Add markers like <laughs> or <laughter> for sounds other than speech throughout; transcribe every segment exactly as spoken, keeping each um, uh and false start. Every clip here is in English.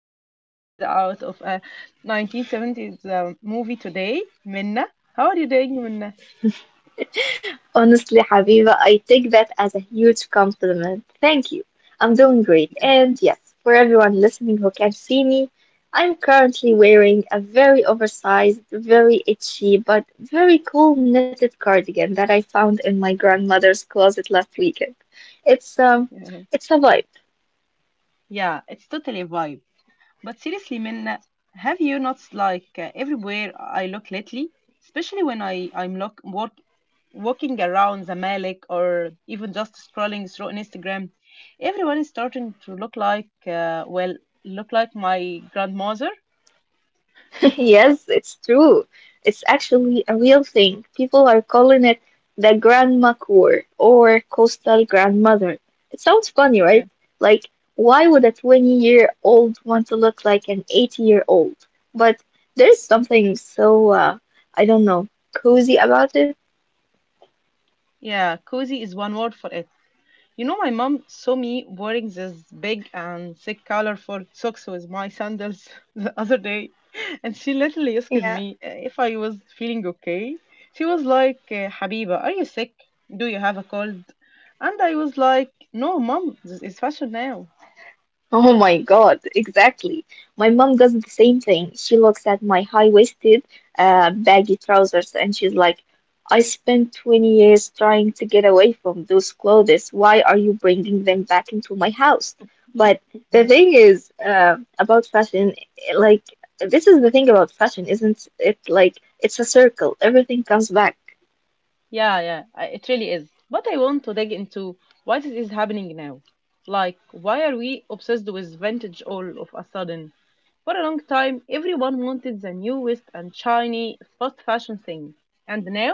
like she stepped out of a nineteen seventies uh, movie today, Minna. How are you doing, Minna? Honestly, Habiba, I take that as a huge compliment. Thank you. I'm doing great. And yes, for everyone listening who can see me, I'm currently wearing a very oversized, very itchy, but very cool knitted cardigan that I found in my grandmother's closet last weekend. It's um Yeah, it's a vibe. yeah, it's totally a vibe. But seriously, Minna, have you noticed like uh, everywhere I look lately, especially when I I'm look, work walking around the Malik or even just scrolling through on Instagram, everyone is starting to look like, uh, well, look like my grandmother. <laughs> Yes, it's true. It's actually a real thing. People are calling it the grandma core or coastal grandmother. It sounds funny, Yeah. right? Like, why would a twenty-year-old want to look like an eighty-year-old? But there's something so, uh, I don't know, cozy about it. Yeah, cozy is one word for it. You know, my mom saw me wearing these big and thick colorful socks with my sandals <laughs> the other day, and she literally asked me uh, if I was feeling okay. She was like, uh, Habiba, are you sick? Do you have a cold? And I was like, no, mom, this is fashion now. Oh my God, exactly. My mom does the same thing. She looks at my high-waisted, uh, baggy trousers and she's like, I spent twenty years trying to get away from those clothes. Why are you bringing them back into my house? But <laughs> the Yeah. thing is, uh, about fashion, like, this is the thing about fashion, isn't it? Like, it's a circle. Everything comes back. Yeah, yeah, I- it really is. But I want to dig into why this is happening now. Like, why are we obsessed with vintage all of a sudden? For a long time, everyone wanted the newest and shiny fast fashion thing. And now,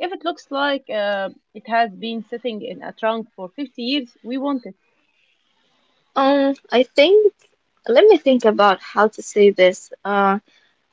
if it looks like uh, it has been sitting in a trunk for fifty years, we want it. Um, I think, let me think about how to say this. Um,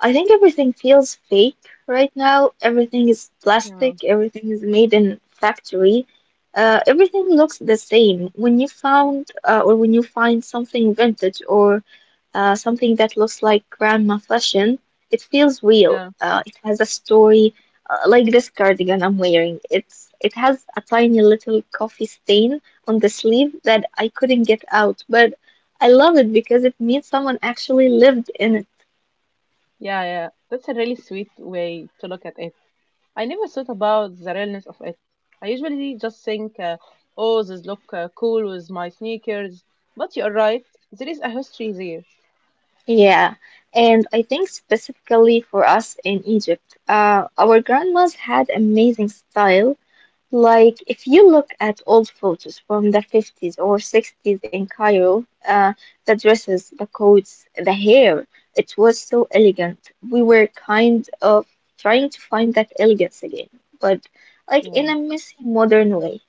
I think everything feels fake right now. Everything is Yeah, plastic, everything is made in factory. Uh, everything looks the same. When you found uh, or when you find something vintage or uh, something that looks like grandma fashion, it feels real. yeah, Uh, it has a story, uh, like this cardigan I'm wearing. It's it has a tiny little coffee stain on the sleeve that I couldn't get out, but I love it because it means someone actually lived in it. yeah, yeah. That's a really sweet way to look at it. I never thought about the realness of it. I usually just think, uh, oh, this look uh, cool with my sneakers. But you're right, there is a history there. Yeah, and I think specifically for us in Egypt, uh, our grandmas had amazing style. Like, if you look at old photos from the fifties or sixties in Cairo, uh, the dresses, the coats, the hair, it was so elegant. We were kind of trying to find that elegance again, but like Yeah, in a messy modern way.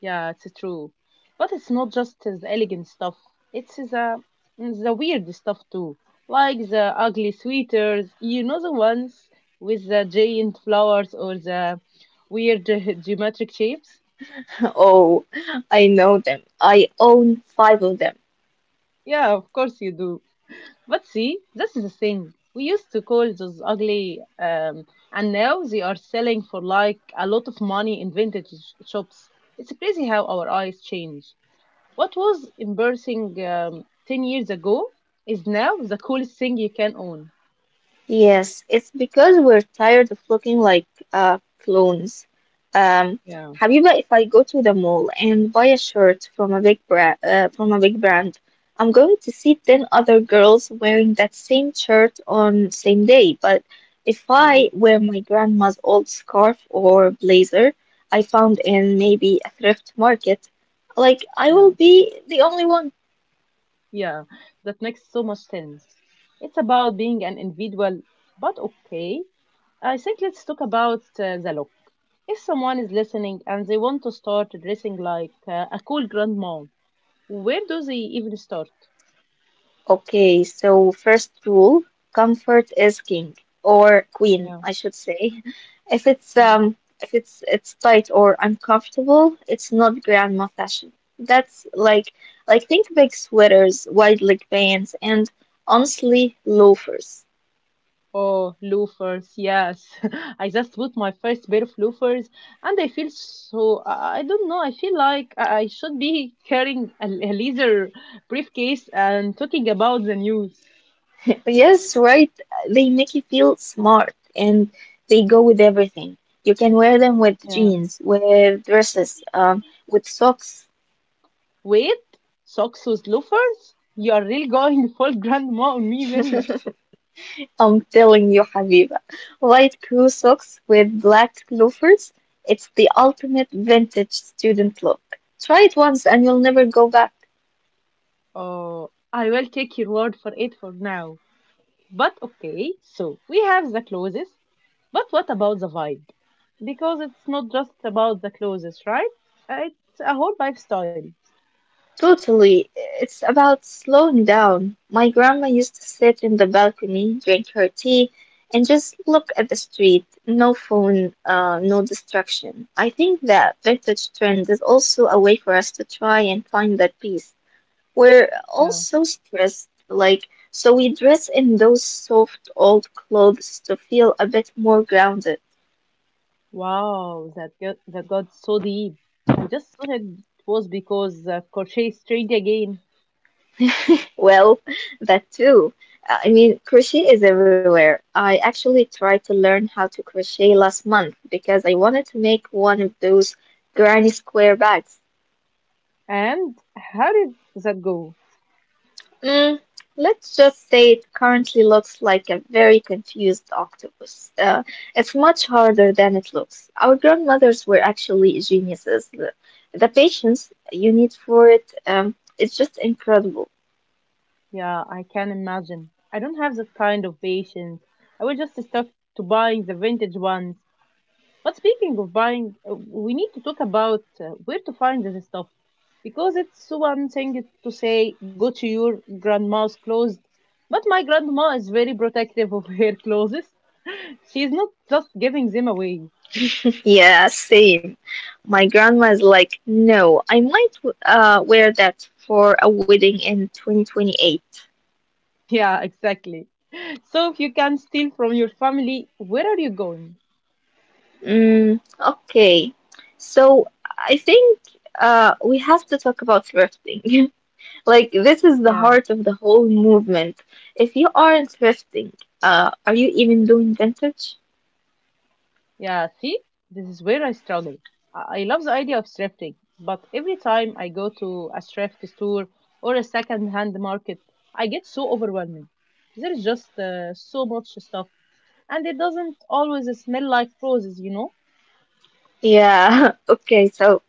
yeah, it's true. But it's not just the elegant stuff. It's the the weird stuff too, like the ugly sweaters. You know the ones with the giant flowers or the weird <laughs> ge- geometric shapes. <laughs> Oh, I know them. I own five of them. Yeah, of course you do. But see, this is the thing. We used to call those ugly, um, and now they are selling for like a lot of money in vintage sh- shops. It's crazy how our eyes change. What was embarrassing um, ten years ago is now the coolest thing you can own. Yes, it's because we're tired of looking like uh, clones. Um, Yeah, Habiba, if I go to the mall and buy a shirt from a big bra- uh, from a big brand, I'm going to see ten other girls wearing that same shirt on same day. But if yeah, I wear my grandma's old scarf or blazer I found in maybe a thrift market, like I will yeah. be the only one. Yeah, that makes so much sense. It's about being an individual, but okay. I think let's talk about uh, the look. If someone is listening and they want to start dressing like uh, a cool grandma, where do they even start? Okay, so first rule, comfort is king or queen, Yeah. I should say. <laughs> If it's Yeah. um if it's it's tight or uncomfortable, it's not grandma fashion. That's like like think big sweaters, wide leg pants, and honestly loafers. Oh, loafers, yes. <laughs> I just bought my first pair of loafers and I feel so, I I don't know, I feel like I I should be carrying a, a leather briefcase and talking about the news. Yes, right. They make you feel smart and they go with everything. You can wear them with jeans, with dresses, um, with socks. Wait, socks with loafers? You are really going <laughs> full grandma on me, Minna. I'm telling you, Habiba. White crew socks with black loafers. It's the ultimate vintage student look. Try it once and you'll never go back. Oh, I will take your word for it for now. But okay, so we have the clothes, but what about the vibe? Because it's not just about the clothes, right? Uh, It's a whole lifestyle. Totally. It's about slowing down. My grandma used to sit in the balcony, drink her tea, and just look at the street. No phone, uh, no distraction. I think that vintage trend is also a way for us to try and find that peace. We're Yeah. also stressed, like, so we dress in those soft old clothes to feel a bit more grounded. Wow, that got, that got so deep. I just thought it was because the crochet stayed again. Well, <laughs> that too. Uh, I mean, crochet is everywhere. I actually tried to learn how to crochet last month because I wanted to make one of those granny square bags. And how did that go? Mm, let's just say it currently looks like a very confused octopus. Uh, it's much harder than it looks. Our grandmothers were actually geniuses. The, the patience you need for it, um, it's just incredible. <laughs> Yeah, I can imagine. I don't have that kind of patience. I will just stuck to buying the vintage ones. But speaking of buying, uh, we need to talk about uh, where to find this stuff. Because it's one thing to say, go to your grandma's clothes. But my grandma is very protective of <laughs> her clothes. She's not just giving them away. Yeah, same. My grandma is like, no, I might w- uh, wear that for a wedding in twenty twenty-eight. Yeah, exactly. So if you can steal from your family, where are you going? Mm, okay. So I think uh, we have to talk about thrifting. <laughs> Like, this is the Yeah. heart of the whole movement. If you aren't thrifting, uh, are you even doing vintage? Yeah, see, this is where I struggle. I I love the idea of thrifting, but every time I go to a thrift store or a second-hand market, I get so overwhelmed. There is just uh, so much stuff, and it doesn't always smell like roses, you know? Yeah, <laughs> okay, so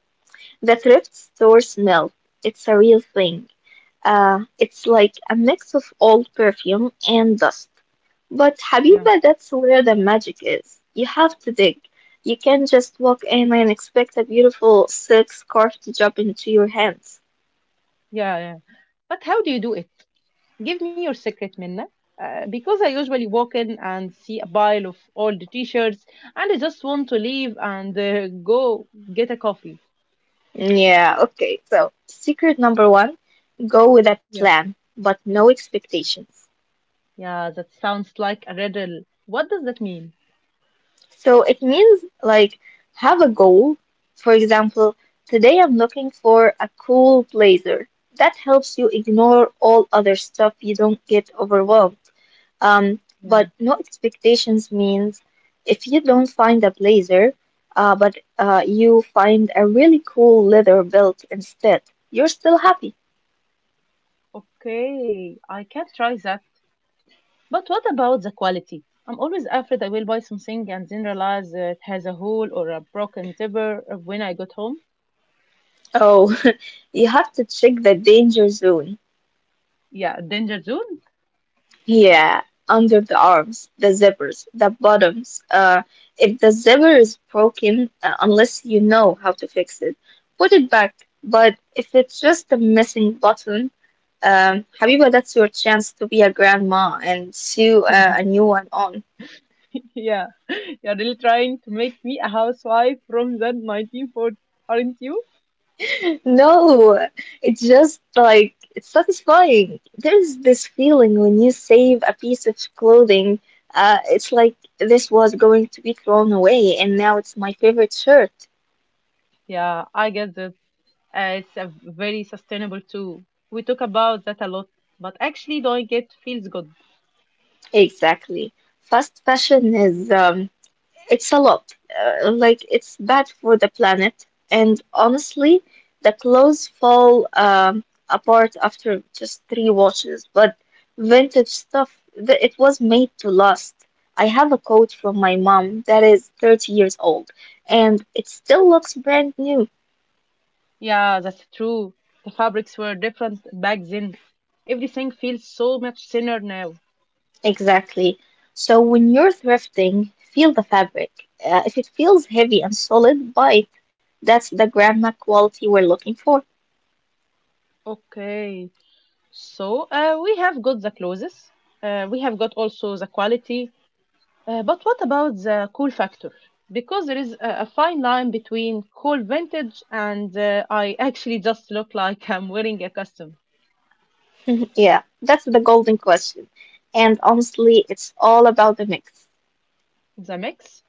the thrift store smell, it's a real thing. Uh, it's like a mix of old perfume and dust. But Yeah, Habiba, that's where the magic is. You have to dig. You can't just walk in and expect a beautiful silk scarf to drop into your hands. yeah, yeah. But how do you do it? Give me your secret, Minna. Uh, because I usually walk in and see a pile of old t-shirts, and I just want to leave and uh, go get a coffee. Yeah, okay. So, secret number one, go with a plan, but no expectations. Yeah, that sounds like a riddle. What does that mean? So, it means like have a goal. For example, today I'm looking for a cool blazer. That helps you ignore all other stuff. You don't get overwhelmed. Um, but Yeah. no expectations means if you don't find a blazer, uh, but uh, you find a really cool leather belt instead, you're still happy. Okay, I can try that. But what about the quality? I'm always afraid I will buy something and then realize that it has a hole or a broken zipper when I got home. Oh, <laughs> you have to check the danger zone. Yeah, danger zone. Yeah, under the arms, the zippers, the bottoms. Uh, if the zipper is broken, uh, unless you know how to fix it, put it back. But if it's just a missing button, um, Habiba, that's your chance to be a grandma and sew uh, <laughs> a new one on. Yeah, <laughs> you're really trying to make me a housewife from the nineteen forties, aren't you? No, it's just like it's satisfying. There's this feeling when you save a piece of clothing. Uh, it's like this was going to be thrown away, and now it's my favorite shirt. Yeah, I get that. Uh, it's a very sustainable too. We talk about that a lot, but actually doing it feels good. Exactly. Fast fashion is um, It's a lot. Uh, like, it's bad for the planet. And honestly, the clothes fall um, apart after just three washes. But vintage stuff, th- it was made to last. I have a coat from my mom that is thirty years old, and it still looks brand new. Yeah, that's true. The fabrics were different back then. Everything feels so much thinner now. Exactly. So when you're thrifting, feel the fabric. Uh, if it feels heavy and solid, buy it. That's the grandma quality we're looking for. Okay, so uh, we have got the clothes. Uh, we have got also the quality. Uh, but what about the cool factor? Because there is a, a fine line between cool vintage and uh, I actually just look like I'm wearing a costume. Mhm. Yeah, that's the golden question. And honestly, it's all about the mix. The mix?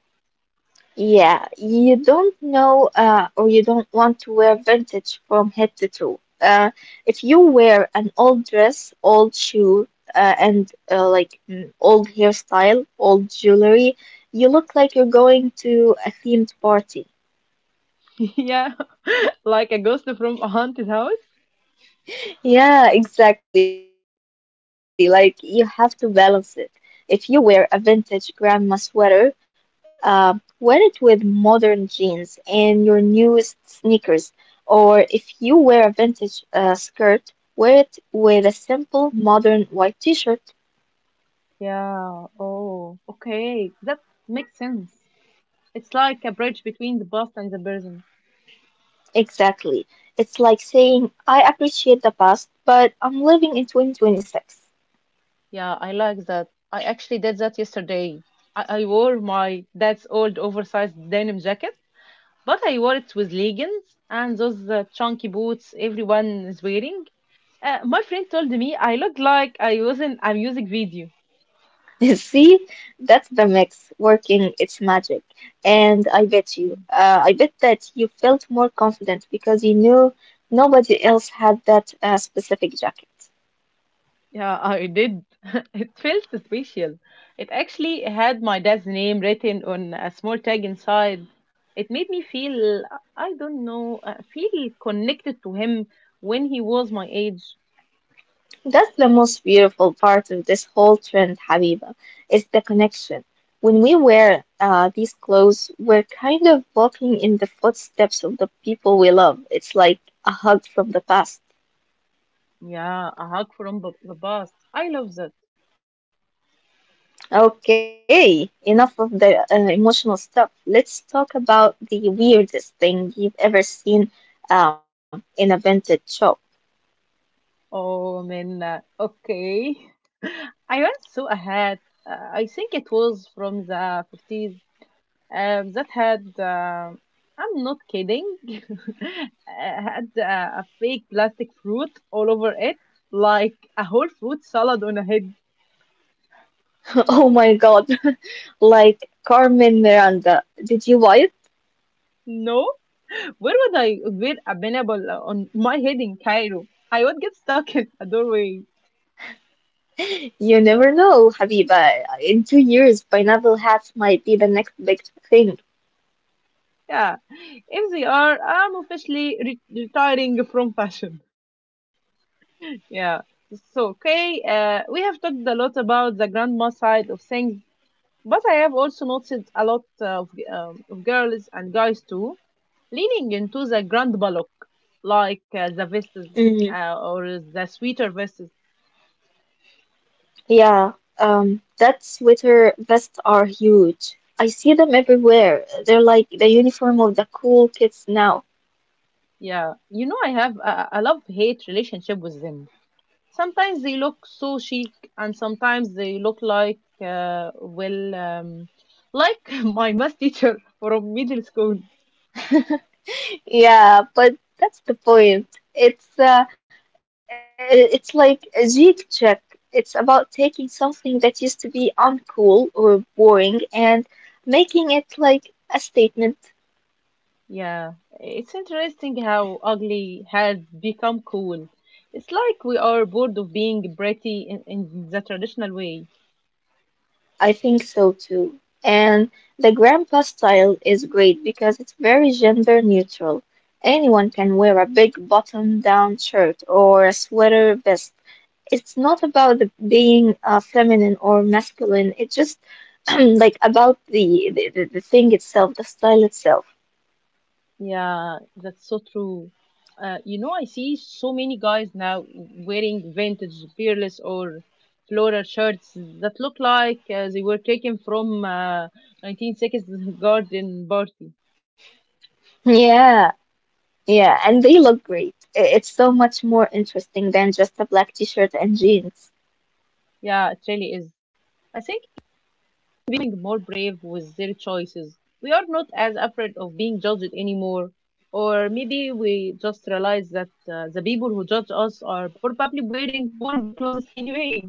Yeah, you don't know uh, or you don't want to wear vintage from head to toe. Uh, if you wear an old dress, old shoe, uh, and uh, like mm, old hairstyle, old jewelry, you look like you're going to a themed party. <laughs> Yeah, <laughs> like a ghost from a haunted house. Yeah, exactly. Like you have to balance it. If you wear a vintage grandma sweater, uh, wear it with modern jeans and your newest sneakers. Or if you wear a vintage uh, skirt, wear it with a simple modern white t-shirt. Yeah. Oh, okay. That makes sense. It's like a bridge between the past and the present. Exactly. It's like saying, I appreciate the past, but I'm living in twenty twenty-six. Yeah, I like that. I actually did that yesterday. I, I wore my dad's old oversized denim jacket, but I wore it with leggings and those uh, chunky boots everyone is wearing. Uh, my friend told me I looked like I was in a music video. <laughs> See, that's the mix working its magic. And I bet you, uh, I bet that you felt more confident because you knew nobody else had that uh, specific jacket. Yeah, I did. <laughs> It felt special. It actually had my dad's name written on a small tag inside. It made me feel, I don't know, uh, feel connected to him when he was my age. That's the most beautiful part of this whole trend, Habiba, is the connection. When we wear uh, these clothes, we're kind of walking in the footsteps of the people we love. It's like a hug from the past. Yeah, a hug from b- the past. I love that. Okay, enough of the uh, emotional stuff. Let's talk about the weirdest thing you've ever seen um, in a vintage shop. Oh, man. uh, Okay. <laughs> I once saw a hat. Uh, I think it was from the fifties. Um, that had, um, I'm not kidding, <laughs> had uh, a fake plastic fruit all over it, like a whole fruit salad on a head. <laughs> Oh my God, <laughs> like Carmen Miranda. Did you buy it? No, where would I wear a pineapple on my head in Cairo? I would get stuck <laughs> in a doorway. You never know, Habiba. In two years, pineapple hats might be the next big thing. Yeah, if they are, I'm officially re- retiring from fashion. <laughs> Yeah. So, okay, uh, we have talked a lot about the grandma side of things. But I have also noticed a lot uh, of, um, of girls and guys too leaning into the grand ballock, like uh, the vests Mm, uh, or the sweeter vests. yeah, um, that sweater vests are huge. I see them everywhere. They're like the uniform of the cool kids now. Yeah, you know, I have a, a love hate relationship with them. Sometimes they look so chic, and sometimes they look like, uh, well, um, like <laughs> my math teacher <laughs> from middle school. Yeah, but that's the point. It's uh, i- it's like a geek check. It's about taking something that used to be uncool or boring and making it like a statement. Yeah, it's interesting how ugly has become cool. It's like we are bored of being pretty in, in the traditional way. I think so too. And the grandpa style is great because it's very gender neutral. Anyone can wear a big button down shirt or a sweater vest. It's not about the, being uh, feminine or masculine. It's just <clears throat> like about the, the, the the thing itself, the style itself. Yeah, that's so true. Uh, you know, I see so many guys now wearing vintage peerless or floral shirts that look like uh, they were taken from uh, nineteen sixties <laughs> garden party. Yeah, yeah, and they look great. I- It's so much more interesting than just a black t-shirt and jeans. Yeah, it really is. I think becoming more brave with their choices. We are not as afraid of being judged anymore. Or maybe we just realize that uh, the people who judge us are probably wearing boring clothes anyway.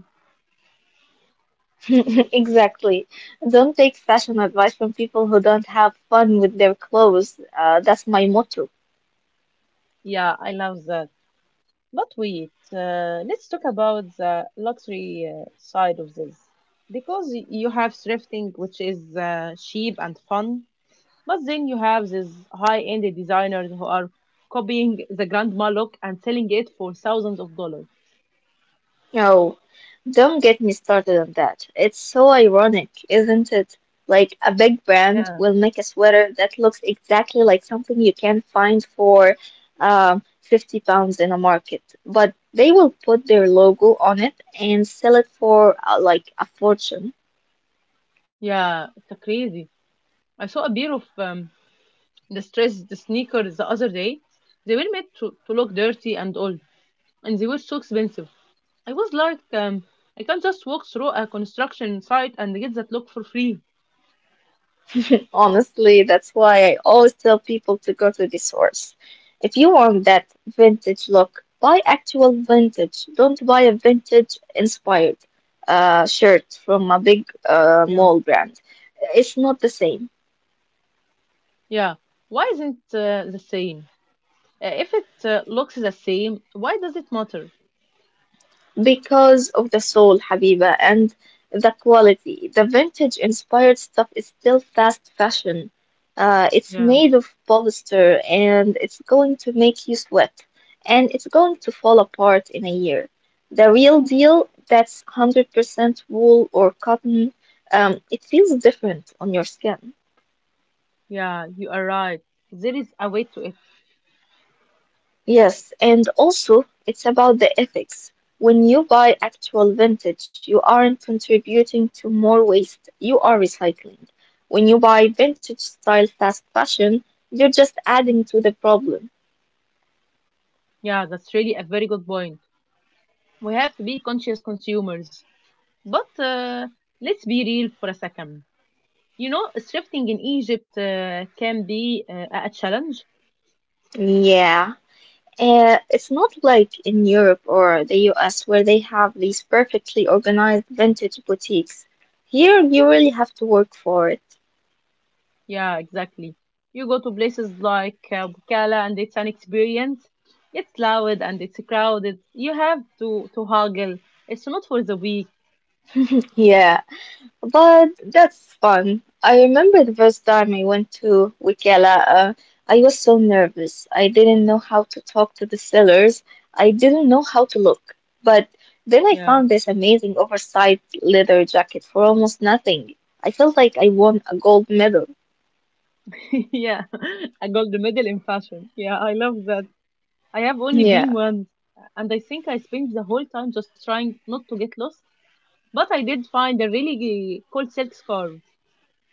<laughs> Exactly. Don't take fashion advice from people who don't have fun with their clothes. Uh, that's my motto. Yeah, I love that. But wait, uh, let's talk about the luxury uh, side of this. Because y- you have thrifting, which is uh, cheap and fun, but then you have these high end designers who are copying the grandma look and selling it for thousands of dollars. No, don't get me started on that. It's so ironic, isn't it? Like a big brand Yeah. will make a sweater that looks exactly like something you can find for um, fifty pounds in a market, but they will put their logo on it and sell it for uh, like a fortune. Yeah, it's a crazy. I saw a pair of um, the stress the sneakers the other day. They were made to, to look dirty and old, and they were so expensive. I was like, um, I can't just walk through a construction site and get that look for free. <laughs> Honestly, that's why I always tell people to go to the source. If you want that vintage look, buy actual vintage. Don't buy a vintage inspired uh, shirt from a big uh, Yeah. mall brand. It's not the same. Yeah, why isn't uh, the same? Uh, if it uh, looks the same, why does it matter? Because of the soul, Habiba, and the quality. The vintage inspired stuff is still fast fashion. Uh, it's Yeah. made of polyester and it's going to make you sweat and it's going to fall apart in a year. The real deal that's one hundred percent wool or cotton, um, it feels different on your skin. Yeah, you are right. There is a way to it. Yes, and also it's about the ethics. When you buy actual vintage, you aren't contributing to more waste, you are recycling. When you buy vintage style fast fashion, you're just adding to the problem. Yeah, that's really a very good point. We have to be conscious consumers. But uh, let's be real for a second. You know, thrifting in Egypt uh, can be uh, a challenge. Yeah. Uh, it's not like in Europe or the U S where they have these perfectly organized vintage boutiques. Here, you really have to work for it. Yeah, exactly. You go to places like uh, Bukala and it's an experience. It's loud and it's crowded. You have to to haggle. It's not for the weak. Yeah, but that's fun. I remember the first time I went to Wikela, uh, I was so nervous. I didn't know how to talk to the sellers. I didn't know how to look. But then I Yeah. found this amazing oversized leather jacket for almost nothing. I felt like I won a gold medal. <laughs> Yeah. I got the medal in fashion. Yeah, I love that. I have only Yeah. been once and I think I spent the whole time just trying not to get lost. But I did find a really g- cool silk scarf.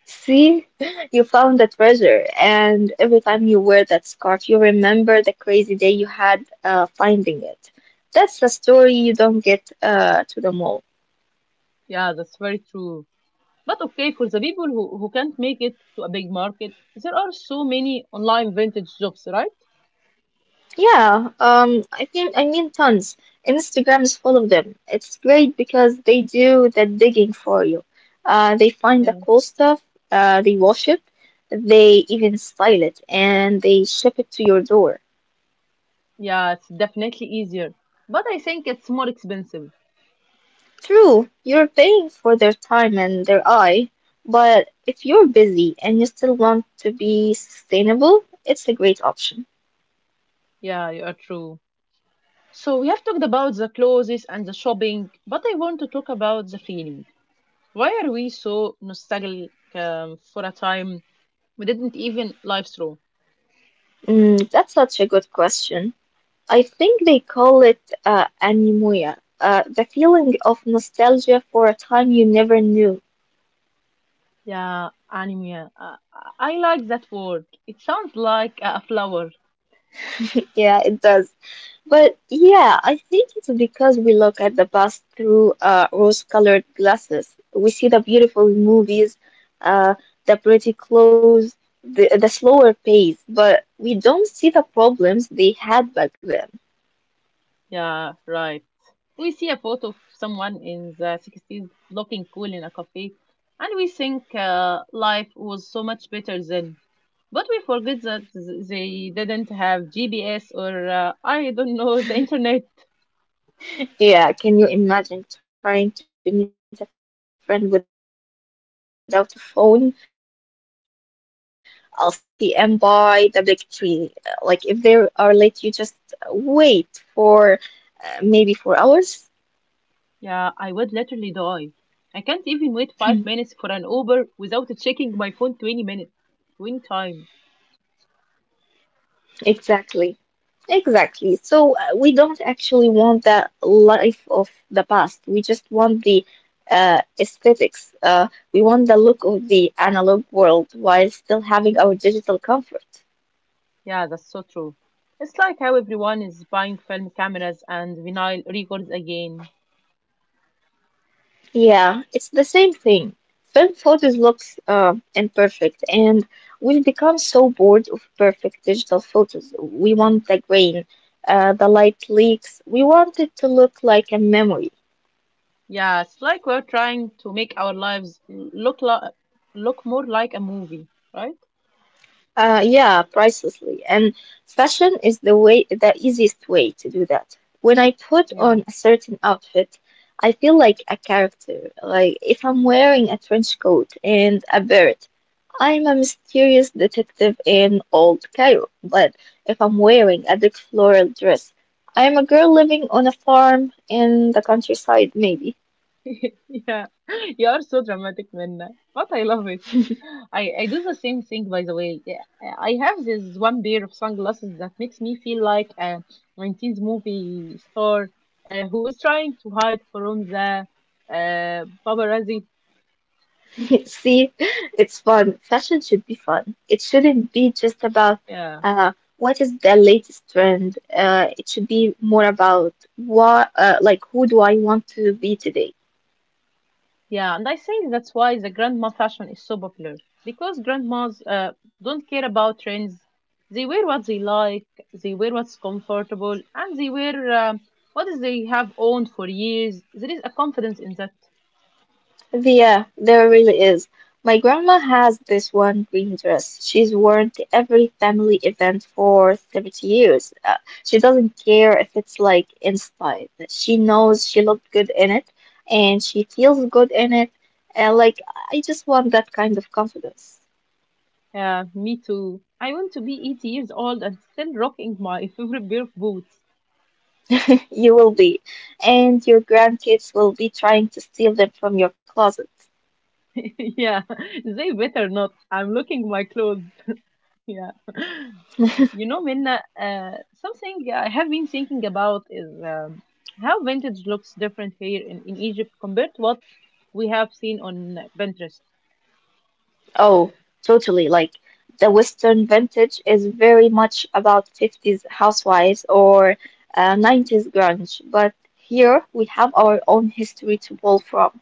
See, <laughs> you found the treasure, and every time you wear that scarf, you remember the crazy day you had uh, finding it. That's a story you don't get uh, to the mall. Yeah, that's very true. But okay, for the people who, who can't make it to a big market, there are so many online vintage shops, right? Yeah, um, I think I mean tons. Instagram is full of them. It's great because they do the digging for you. Uh, they find the Yeah. cool stuff, uh, they wash it, they even style it, and they ship it to your door. Yeah, it's definitely easier. But I think it's more expensive. True, you're paying for their time and their eye, but if you're busy and you still want to be sustainable, it's a great option. Yeah, you are true. So we have talked about the clothes and the shopping, but I want to talk about the feeling. Why are we so nostalgic um, for a time we didn't even live through? Mm, that's such a good question. I think they call it uh, anemoia, uh, the feeling of nostalgia for a time you never knew. <laughs> Yeah, anime. Uh, I like that word. It sounds like a flower. Yeah, it does. But yeah, I think it's because we look at the past through uh, rose-colored glasses. We see the beautiful movies, uh, the pretty clothes, the, the slower pace, but we don't see the problems they had back then. Yeah, right. We see a photo of someone in the sixties looking cool in a cafe, and we think uh, life was so much better then. But we forget that th- they didn't have G P S or, uh, I don't know, <laughs> the internet. Yeah, can you imagine trying to meet a friend without a phone? I'll see you at four p m by the big tree. Uh, Like, if they are late, you just wait for uh, maybe four hours. Yeah, I would literally die. I can't even wait five minutes for an Uber without checking my phone twenty minutes. twenty times. Exactly. Exactly. So, uh, we don't actually want the life of the past. We just want the uh, aesthetics. Uh, we want the look of the analog world while still having our digital comfort. Yeah, that's so true. It's like how everyone is buying film cameras and vinyl records again. Yeah, it's the same thing. Film photos look uh, imperfect, and we've become so bored of perfect digital photos. We want the grain, uh, the light leaks. We want it to look like a memory. Yeah, it's like we're trying to make our lives l- look li- look more like a movie, right? Uh, yeah, pricelessly. And fashion is the way, the easiest way to do that. When I put Yeah. on a certain outfit, I feel like a character. Like if I'm wearing a trench coat and a beret. I'm a mysterious detective in Old Cairo, but if I'm wearing a dark floral dress, I'm a girl living on a farm in the countryside, maybe. <laughs> Yeah. <laughs> You are so dramatic, Minna. But I love it. I, I do the same thing, by the way. Yeah, I I have this one pair of sunglasses that makes me feel like a nineteenth movie star uh, who is trying to hide from the uh, paparazzi. <laughs> See, it's fun. Fashion should be fun. It shouldn't be just about Yeah. uh, what is the latest trend. Uh, it should be more about what, uh, like, who do I want to be today? Yeah, and I think that's why the grandma fashion is so popular because grandmas uh, don't care about trends. They wear what they like, they wear what's comfortable, and they wear um, what is they have owned for years. There is a confidence in that. Yeah, there really is. My grandma has this one green dress she's worn to every family event for seventy years. Uh, she doesn't care if it's like in style. She knows she looked good in it and she feels good in it. And like, I just want that kind of confidence. Uh, me too. I want to be eighty years old and still rocking my <laughs> favorite pair of boots. <laughs> You will be. And your grandkids will be trying to steal them from your closet. <laughs> Yeah, they better not. I'm looking my clothes. <laughs> Yeah. You know, Minna, uh, something I have been thinking about is um, how vintage looks different here in, in Egypt compared to what we have seen on Pinterest. Oh, totally. Like the Western vintage is very much about fifties housewives or uh, nineties grunge, but here we have our own history to pull from.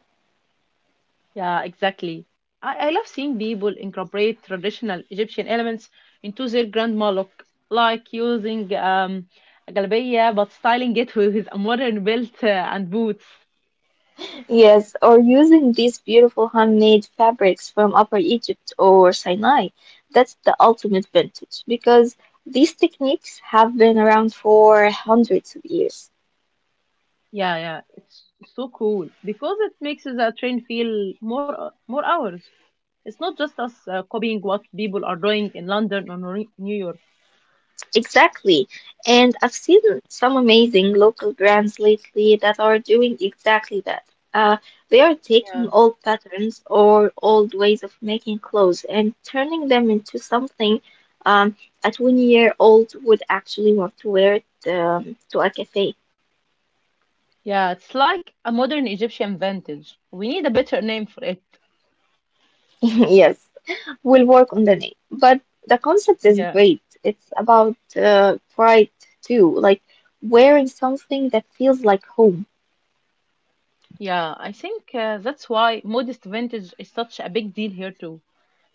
Yeah, exactly. I, I love seeing people incorporate traditional Egyptian elements into their grandma look, like using um, a galbiya but styling it with a modern belt uh, and boots. Yes, or using these beautiful handmade fabrics from Upper Egypt or Sinai. That's the ultimate vintage because these techniques have been around for hundreds of years. Yeah, yeah, it's so cool because it makes the train feel more more hours. It's not just us uh, copying what people are doing in London or Nor- New York. Exactly. And I've seen some amazing local brands lately that are doing exactly that. Uh, they are Yeah. taking old patterns or old ways of making clothes and turning them into something um, a twenty-year-old would actually want to wear it um, to a cafe. <laughs> Yeah, it's like a modern Egyptian vintage. We need a better name for it. Yes, will work on the name. But the concept is Yeah. great. It's about uh, pride too, like wearing something that feels like home. Yeah, I think uh, that's why modest vintage is such a big deal here too.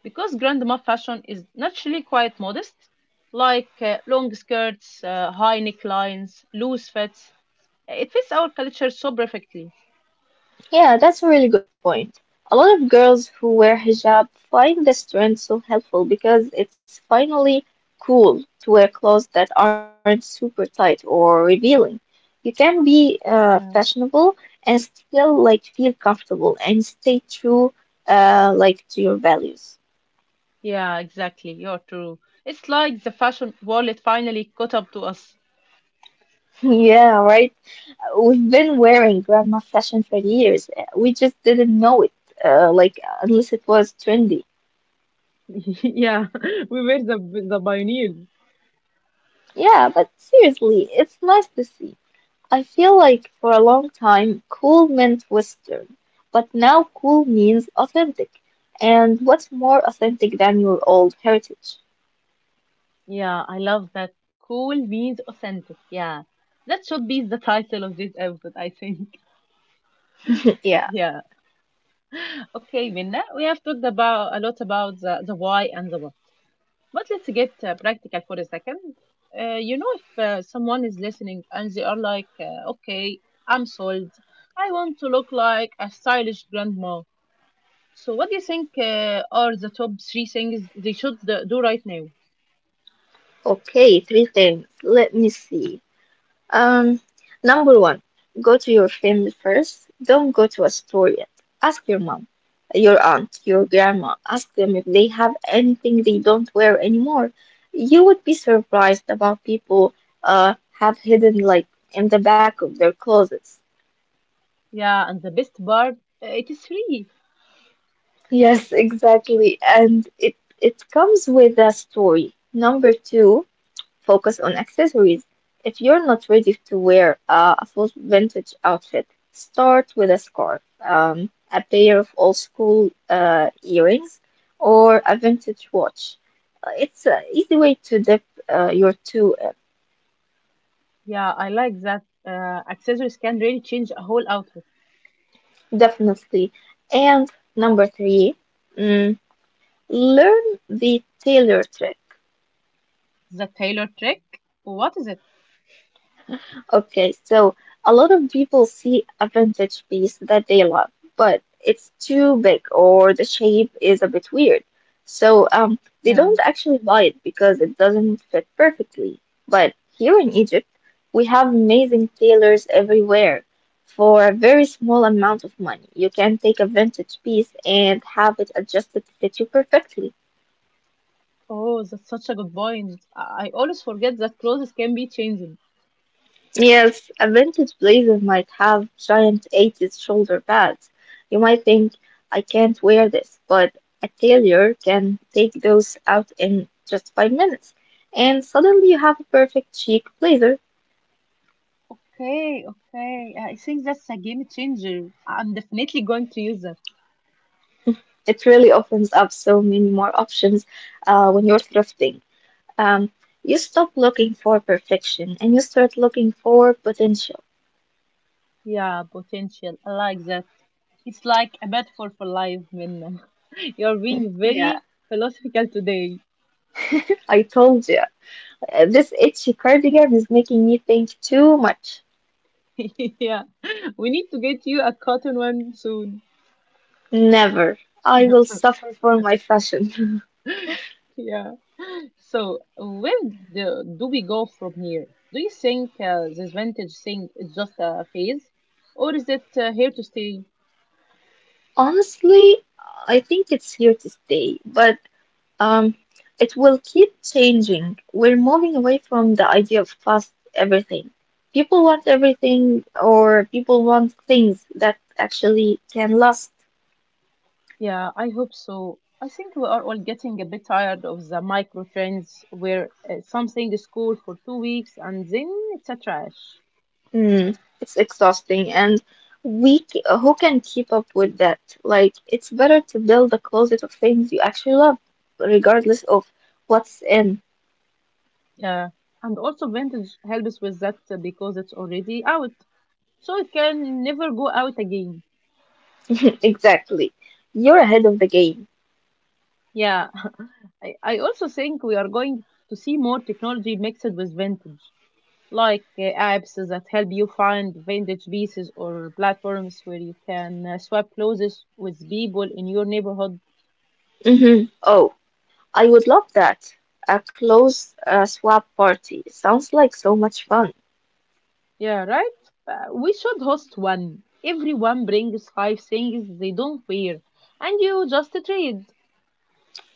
Because grandma fashion is naturally quite modest, like uh, long skirts, uh, high necklines, loose fits. It fits our culture so perfectly. Yeah, that's a really good point. A lot of girls who wear hijab find this trend so helpful because it's finally cool to wear clothes that aren't super tight or revealing. You can be uh, Yeah. fashionable and still like feel comfortable and stay true uh, like to your values. Yeah, exactly. You're true. It's like the fashion world finally caught up to us. <laughs> Yeah, right. We've been wearing grandma fashion for years. We just didn't know it, uh, like unless it was trendy. <laughs> Yeah, <laughs> we were the the pioneers. Yeah, but seriously, it's nice to see. I feel like for a long time, cool meant Western, but now cool means authentic. And what's more authentic than your old heritage? Yeah, I love that. Cool means authentic. Yeah. That should be the title of this episode, I think. <laughs> <laughs> Yeah, Yeah. Okay, Minna, we have talked about a lot about the, the why and the what. But let's get uh, practical for a second. Uh, you know, if uh, someone is listening and they are like, uh, okay, I'm sold. I want to look like a stylish grandma. So, what do you think uh, are the top three things they should uh, do right now? okay, three things. Let me see. Um, Number one, go to your family first. Don't go to a store yet. Ask your mom, your aunt, your grandma. Ask them if they have anything they don't wear anymore. You would be surprised about people uh have hidden like in the back of their closets. Yeah, and the best part, uh, it is free. Yes, exactly. And it it comes with a story. Number two, focus on accessories. If you're not ready to wear uh, a full vintage outfit, start with a scarf, um, a pair of old school uh, earrings, or a vintage watch. Uh, It's an easy way to dip uh, your toe in, Yeah, I like that. Uh, accessories can really change a whole outfit. definitely. And number three, mm, learn the tailor trick. The tailor trick? What is it? Okay, so a lot of people see a vintage piece that they love, but it's too big or the shape is a bit weird. So um, they Yeah. don't actually buy it because it doesn't fit perfectly. But here in Egypt, we have amazing tailors everywhere. For a very small amount of money, you can take a vintage piece and have it adjusted to fit you perfectly. Oh, that's such a good point. I I always forget that clothes can be changed. Yes, a vintage blazer might have giant eighties shoulder pads. You might think, I can't wear this, but a tailor can take those out in just five minutes. And suddenly you have a perfect chic blazer. Okay, okay. I think that's a game changer. I'm definitely going to use it. It really opens up so many more options uh, when you're thrifting. Um, you stop looking for perfection and you start looking for potential. Yeah, potential. I like that. It's like a metaphor for life, Minna. <laughs> You're being Yeah, very philosophical today. I told you. Uh, This itchy cardigan is making me think too much. <laughs> Yeah, we need to get you a cotton one soon. Never. I will suffer for my fashion. <laughs> Yeah. So, where do, do we go from here? Do you think uh, this vintage thing is just a phase, or is it uh, here to stay? <laughs> Honestly, I think it's here to stay, but um, it will keep changing. We're moving away from the idea of fast everything. People want everything, or people want things that actually can last. Yeah, I hope so. I think we are all getting a bit tired of the micro trends where uh, something is cool for two weeks and then it's a trash. Hmm, it's exhausting, and we c- who can keep up with that? Like, it's better to build a closet of things you actually love, regardless of what's in. Yeah. And also, vintage helps with that uh, because it's already out. So it can never go out again. <laughs> Exactly. You're ahead of the game. Yeah, <laughs> I, I also think we are going to see more technology mixed with vintage, like uh, apps that help you find vintage pieces or platforms where you can uh, swap clothes with people in your neighborhood. Hmm. Oh, I would love that. A close uh, swap party. Sounds like so much fun. Yeah, right? Uh, we should host one. Everyone brings five things they don't wear, and you just trade.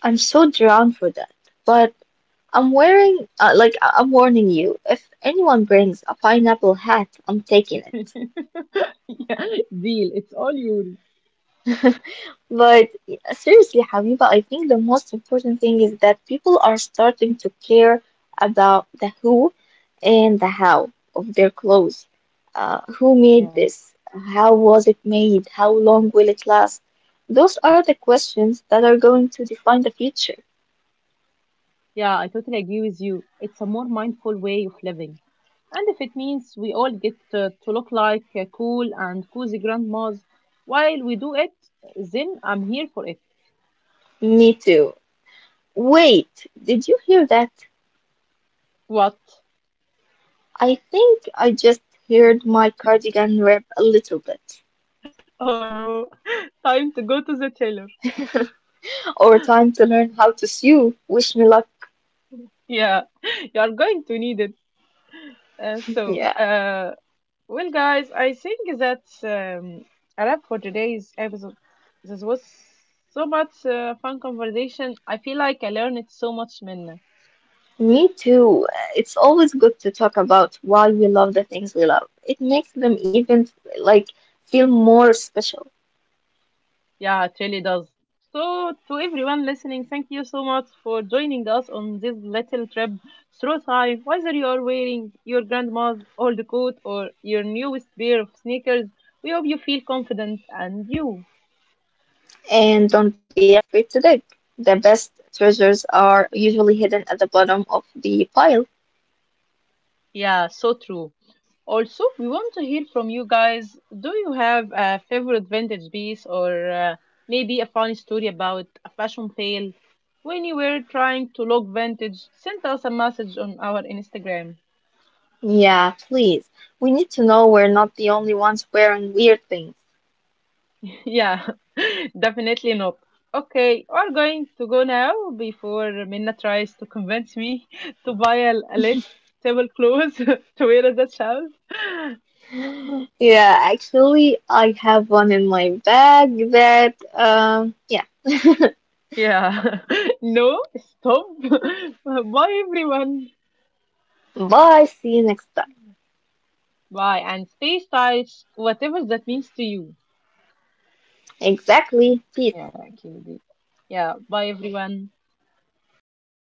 I'm so drawn for that. But I'm wearing, uh, like, I- I'm warning you, if anyone brings a pineapple hat, I'm taking it. <laughs> Yeah, deal. It's all yours. But seriously, Habiba, I think the most important thing is that people are starting to care about the who and the how of their clothes. Uh, who made Yeah. this? How was it made? How long will it last? Those are the questions that are going to define the future. Yeah, I totally agree with you. It's a more mindful way of living. And if it means we all get uh, to look like uh, cool and cozy grandmas while we do it, then I'm here for it. Me too. Wait, did you hear that? What? I think I just heard my cardigan rip a little bit. Oh no, <laughs> time to go to the tailor. Or time to learn how to sew. Wish me luck. Yeah, <laughs> you are going to need it. Uh, so, <laughs> uh, well, guys, I think that's um, a wrap for today's episode. This was so much uh, fun conversation. I feel like I learned so much, Minna. Me too. It's always good to talk about why we love the things we love. It makes them even like feel more special. Yeah, it really does. So, to everyone listening, thank you so much for joining us on this little trip through time. Whether you are wearing your grandma's old coat or your newest pair of sneakers, we hope you feel confident and you. And don't be afraid to dig. The best treasures are usually hidden at the bottom of the pile. Yeah, so true. Also, we want to hear from you guys. Do you have a favorite vintage piece or uh, maybe a funny story about a fashion fail? When you were trying to look vintage, send us a message on our Instagram. Yeah, please. We need to know we're not the only ones wearing weird things. <laughs> Yeah, <laughs> definitely not. Okay, we're going to go now before Minna tries to convince me <laughs> to buy a a less stable clothes <laughs> to wear as a child. <laughs> Yeah, actually, I have one in my bag that, um, yeah. Yeah, <laughs> no, stop. <laughs> Bye, everyone. Bye, see you next time. Bye, and stay stylish, whatever that means to you. Exactly. Peace. Yeah, okay. be- Yeah, bye, everyone.